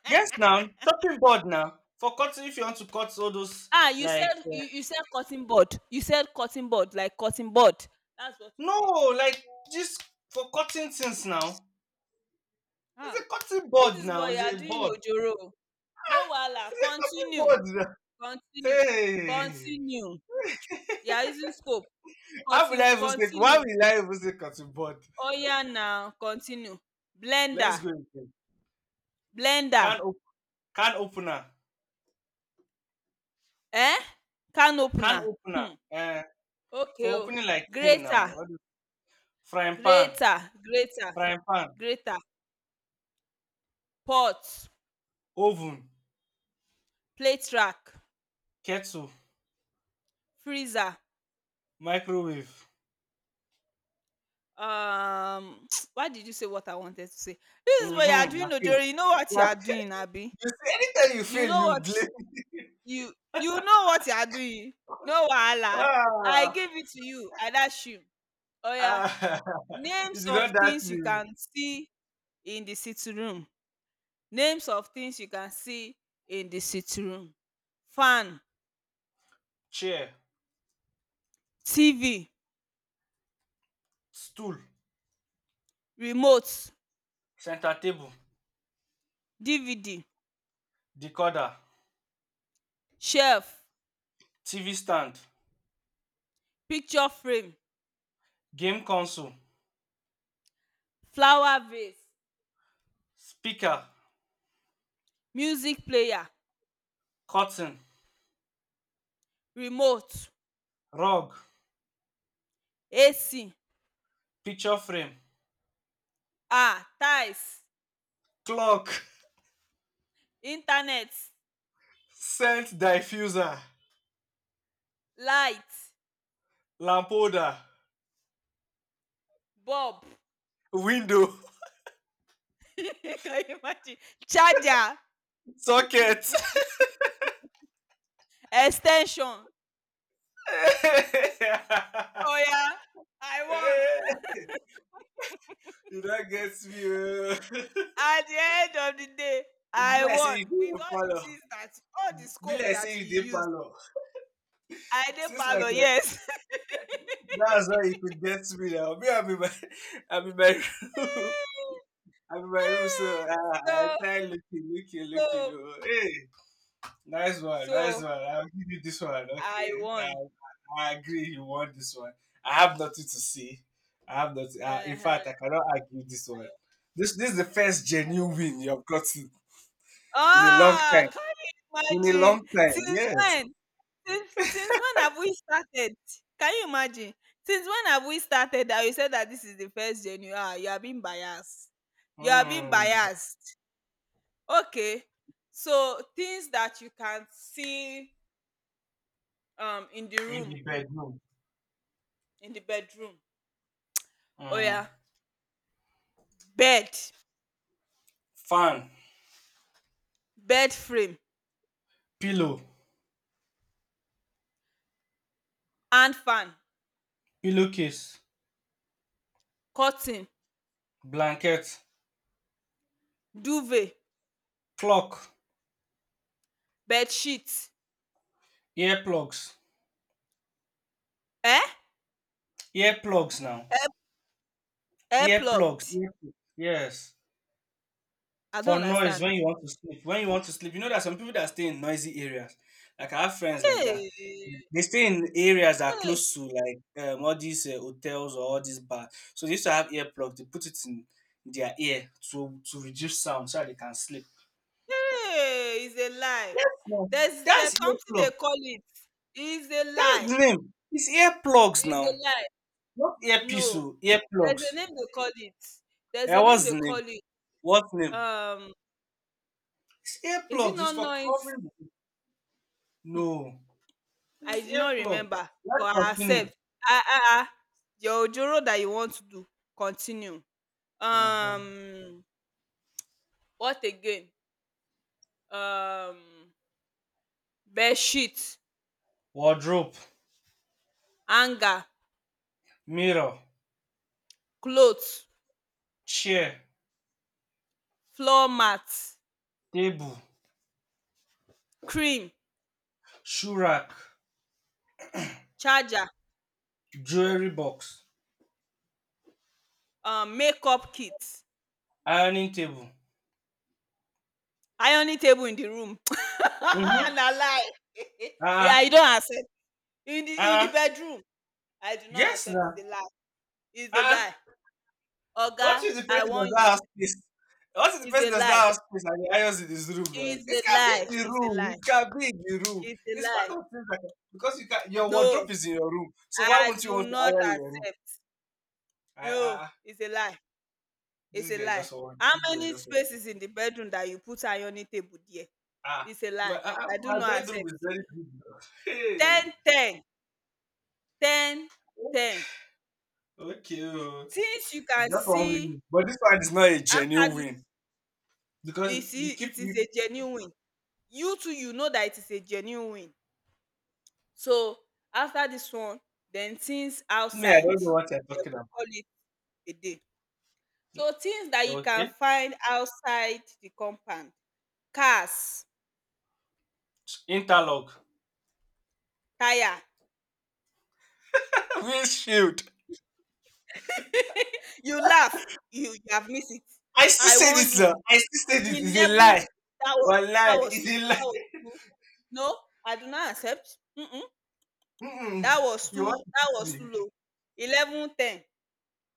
Yes, now chopping board now for cutting. If you want to cut all those Ah, like you you said cutting board. You said cutting board, like cutting board. That's what you no, said. like just for cutting things now. It's a Ah, cutting this board is now. boy you It's are a doing board. ojoro. No wahala, It's a continue, cutting board. Now. <laughs> continue, Hey, continue. You are using scope. how will I Continue, even say? Why continue. will I even say cutting board? Oya now, continue. Let's Blender, go again. Can blender, op- can opener. eh? Can Can opener. opener. Hmm. Uh, Okay for o. opening like thing now. Grater, All this frying pan. grater, grater, Frying pan. grater. Pot, Oven. plate rack, Kettle. freezer, Microwave. um. <tsk> Why did you say what I wanted to say? This is what you are Mm-hmm. doing Okay. ojoro. You know what you Yeah. are doing, abi? You see, anytime you you fail, know you what blame. you know what you are doing. No <laughs> wahala, I Ah, give it to you, adashim. Oya, ah, <laughs> you names did of not dash things you me. can see in the sitting room. Names of things you can see in the sitting room Fan, Chair, TV, stool, remote, center table, DVD, decoder, shelf, TV stand, picture frame, game console, flower vase, speaker, music player, curtain, remote, rug, AC, picture frame, um, tiles, clock, <laughs> internet, scent diffuser, light, lamp holder, bulb. window, <laughs> Can you imagine? Charger, <laughs> socket. ex ten sion oya, I won <laughs> You don't get me. Oh. at the end of the day. <laughs> I Bless won you, with all the follow. things, that all the Be scope like that say you you dey use. parlor. I dey Since like parlour, eh, yes. that's how you could get me now. Me, I'm in my, <laughs> I'm in my room. <laughs> <laughs> I'm in my room, so I so try looking. so Oh, hey, nice one, nice so one. I'll give you this one. I Okay, won, I agree. You want this one. I have nothing to see. I have nothing. um, In fact, I cannot argue this one. I This is the first genuine won. win you've gotten in a long Ah! time. Can you In a long imagine? time, Since yes. when? Since when have we started? Can you imagine? Since when have we started that you said that this is the first January? Ah, you are being biased. You are being Mm, biased. Okay. So things that you can see in the in the room, bedroom. in the bedroom. Oh Mm. yeah. Bed, Fan, bed frame, pillow, hand fan, pillowcase, curtain, blanket, duvet, clock, bed sheet, earplugs, eh? earplugs now, Air, air earplugs plugged. earplugs, yes, I for don't noise understand. when you want to sleep. You know, there are some people that stay in noisy areas, like I have friends like that. Hey! They stay in areas that are Hey! close to, like, all these hotels or all these bars, so they used to have earplugs. They put it in their ear to reduce sound so that they can sleep. Hey, it's a lie. No, There's that's something earplug. they call it. It's a That's lie. the name. It's earplugs It's a now. lie. Not earpiece No. oh, There's a earplugs. name they call it. There's Eh, a name what's they the name? call it. What name? Um, It's is it earplugs. It's not for noise? covering the, Hmm. no. I It's did not earplug. remember, Let's but I continue. accept. Ah. Your Ojoro that you want to do. Continue. Hmm. Um, what again? Um, bed sheet, Wardrobe, hanger, mirror, clothes, chair, floor mat, table, cream, shoe rack, charger, jewelry box, makeup kit, ironing table. ironing table in the room. Mm-hmm. <laughs> Na lie. <laughs> Yeah, Ah, you don't accept. In the ah, bedroom, I do not yes, accept. na. It's a lie. It's a Ah, lie. what Oga, if the I person does warn not you. have space? What if the It's person a does not lie. have space and the irons in his room now? It's It a can lie. be in the It's a room. lie. It can be in the room. It's a It's part of lie. things that, because you can, your wardrobe No, is in your room. So why I wouldn't you do want to not iron in your room? accept. I ah No, ah, it's a lie. It's this a guy lie. just want How this guy many just want spaces in the bedroom that you put ironing table there? ah, It's a my lie. ah, ah, I do my not bedroom accept. is very big now. <laughs> Ten, Hey, ten, ten. okay oh. Things you It's can just one see win, but this one is not a after genuine win this. because You you see, keep it is you, a genuine win. You too, you know that it is a genuine win. So after this one, then things me I outside, don't know what you're dem talking will about. call it a day. So things that you can Okay, find outside the compound: cars, interlock, tyre. <laughs> windshield. <laughs> You laugh, you have missed it. I still I say warn this, now. you. I still say this. The It's a level lie. that was One lie. that was It's too, a lie. No, I do not accept. Mm. <laughs> Mm-mm. You want to That cheat was me? too low. 11:10,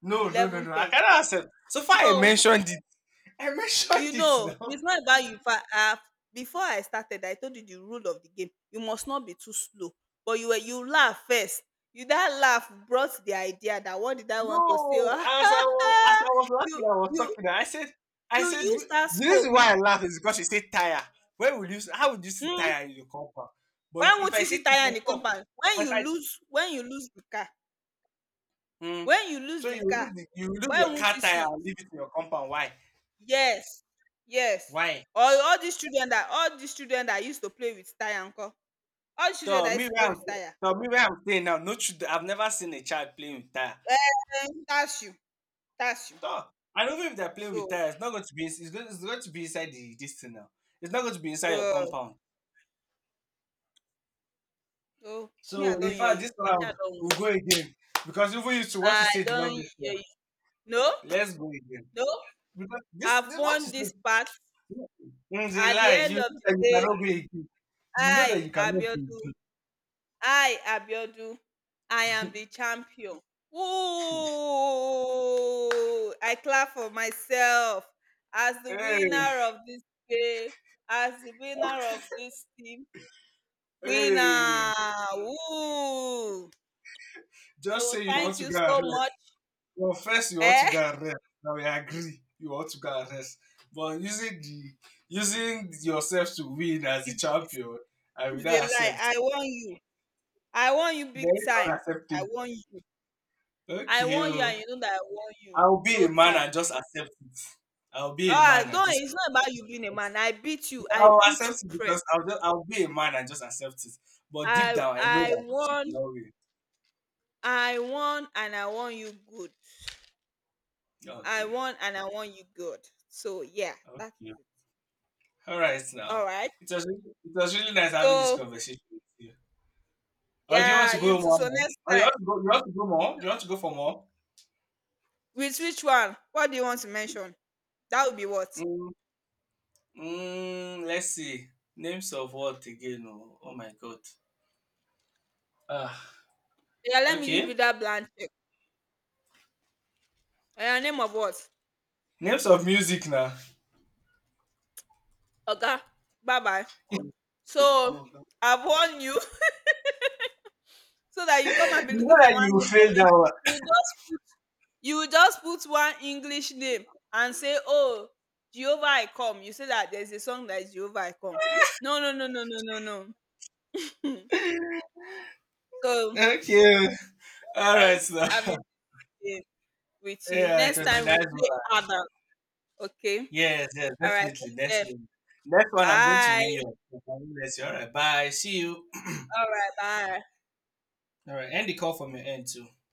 No, no, no, no. I 11:10. cannot accept. So far, I No, mentioned it. <laughs> I you mentioned it know, now. it's not about you fa. Ah, before I started, I told you the rule of the game. You must not be too slow, but you were, you laugh first. You that laugh brought the idea that what did I want to say? No, <laughs> as I was laughing, You I was you talking. I you said, use that the scope. reason You, why I laugh is because you say tire. Where would you? How would you see mm, tire in your compound? why But if won't I you say, see if tire I in the talk, compound? If I, mm, When you lose so the you car, lose, the, you lose why your won't car you tire see it? and leave it in your compound. Why? Yes, yes. Why? Or all these children that, all these children that used to play with tire nko? All these So children that me used to where play I'm with tire, so me where I'm staying now, no children. I've never seen a child playing with tire. um, that's you, that's you. So I don't know, if they're playing with So, tire, it's not going to be, it's going to be inside the dis thing now. It's not going to be inside your uh, compound. so me, I So don in hear fact, this you. I round sha don win. we'll go again because even you, to what you I said did don not hear make sense. you. No, Let's go again no, because this I've this what you won this said, part. it's a At the lie. You end of know that you the day, cannot go again. You know that I you cannot go Abiodun again. I, Abiodun, I am the champion. Ooh! I clap for myself as the Hey! winner of this game, as the winner of this team. Hey! Winner! Ooh! Just So say you want thank to you go so and, much. well, first you want to Eh? go and rest. Now we agree you want to go and rest. But using yourself to win as the It's, it's, champion, I will it's a not lie. accept. I want you. I want you big Very time. I unacceptable. want you. I Okay want you, oh. and you know that I want you. I'll be No a man time. and just accept it. I'll be a Ah, man at don't. this It's not about point. you being a man. I beat you. I I'll beat you, accept it press. because I'll be a man and just accept it. But deep down I know I that it's won, will not win. And I want you good. I Okay. won, and I want you good. So yeah, that Okay. is it. All right All now. right. It was really, it was really nice having this So conversation with you. Do you want to yeah, go you too. one So more? next Oh, you time, want to go? You want to go more? You want to go for more? with which one? What do you want to mention? That would be what? Mm, let's see. Names of what again? Oh, oh my god. Ah, Yeah, let me give okay. you that blank check. Name of what? Names of music now. Oga. Bye bye. Oh So my god. I've warned you, <laughs> so that you come and <laughs> be You know looking for that one you name for failed me. that You just you will just put one english name and say, oh, Jehovah I come. You say that there's a song that is Jehovah I come. No, no one. <laughs> so, Okay. All right. nice Now. having <laughs> the game with you. Yeah, it Next was a time we'll nice play one. other. Okay, Yes, yes, all right, definitely. take Next care. one. Next one, I'm going to win Bye you. All right. Bye. See you. All right, bye. All right. End the call from your end too.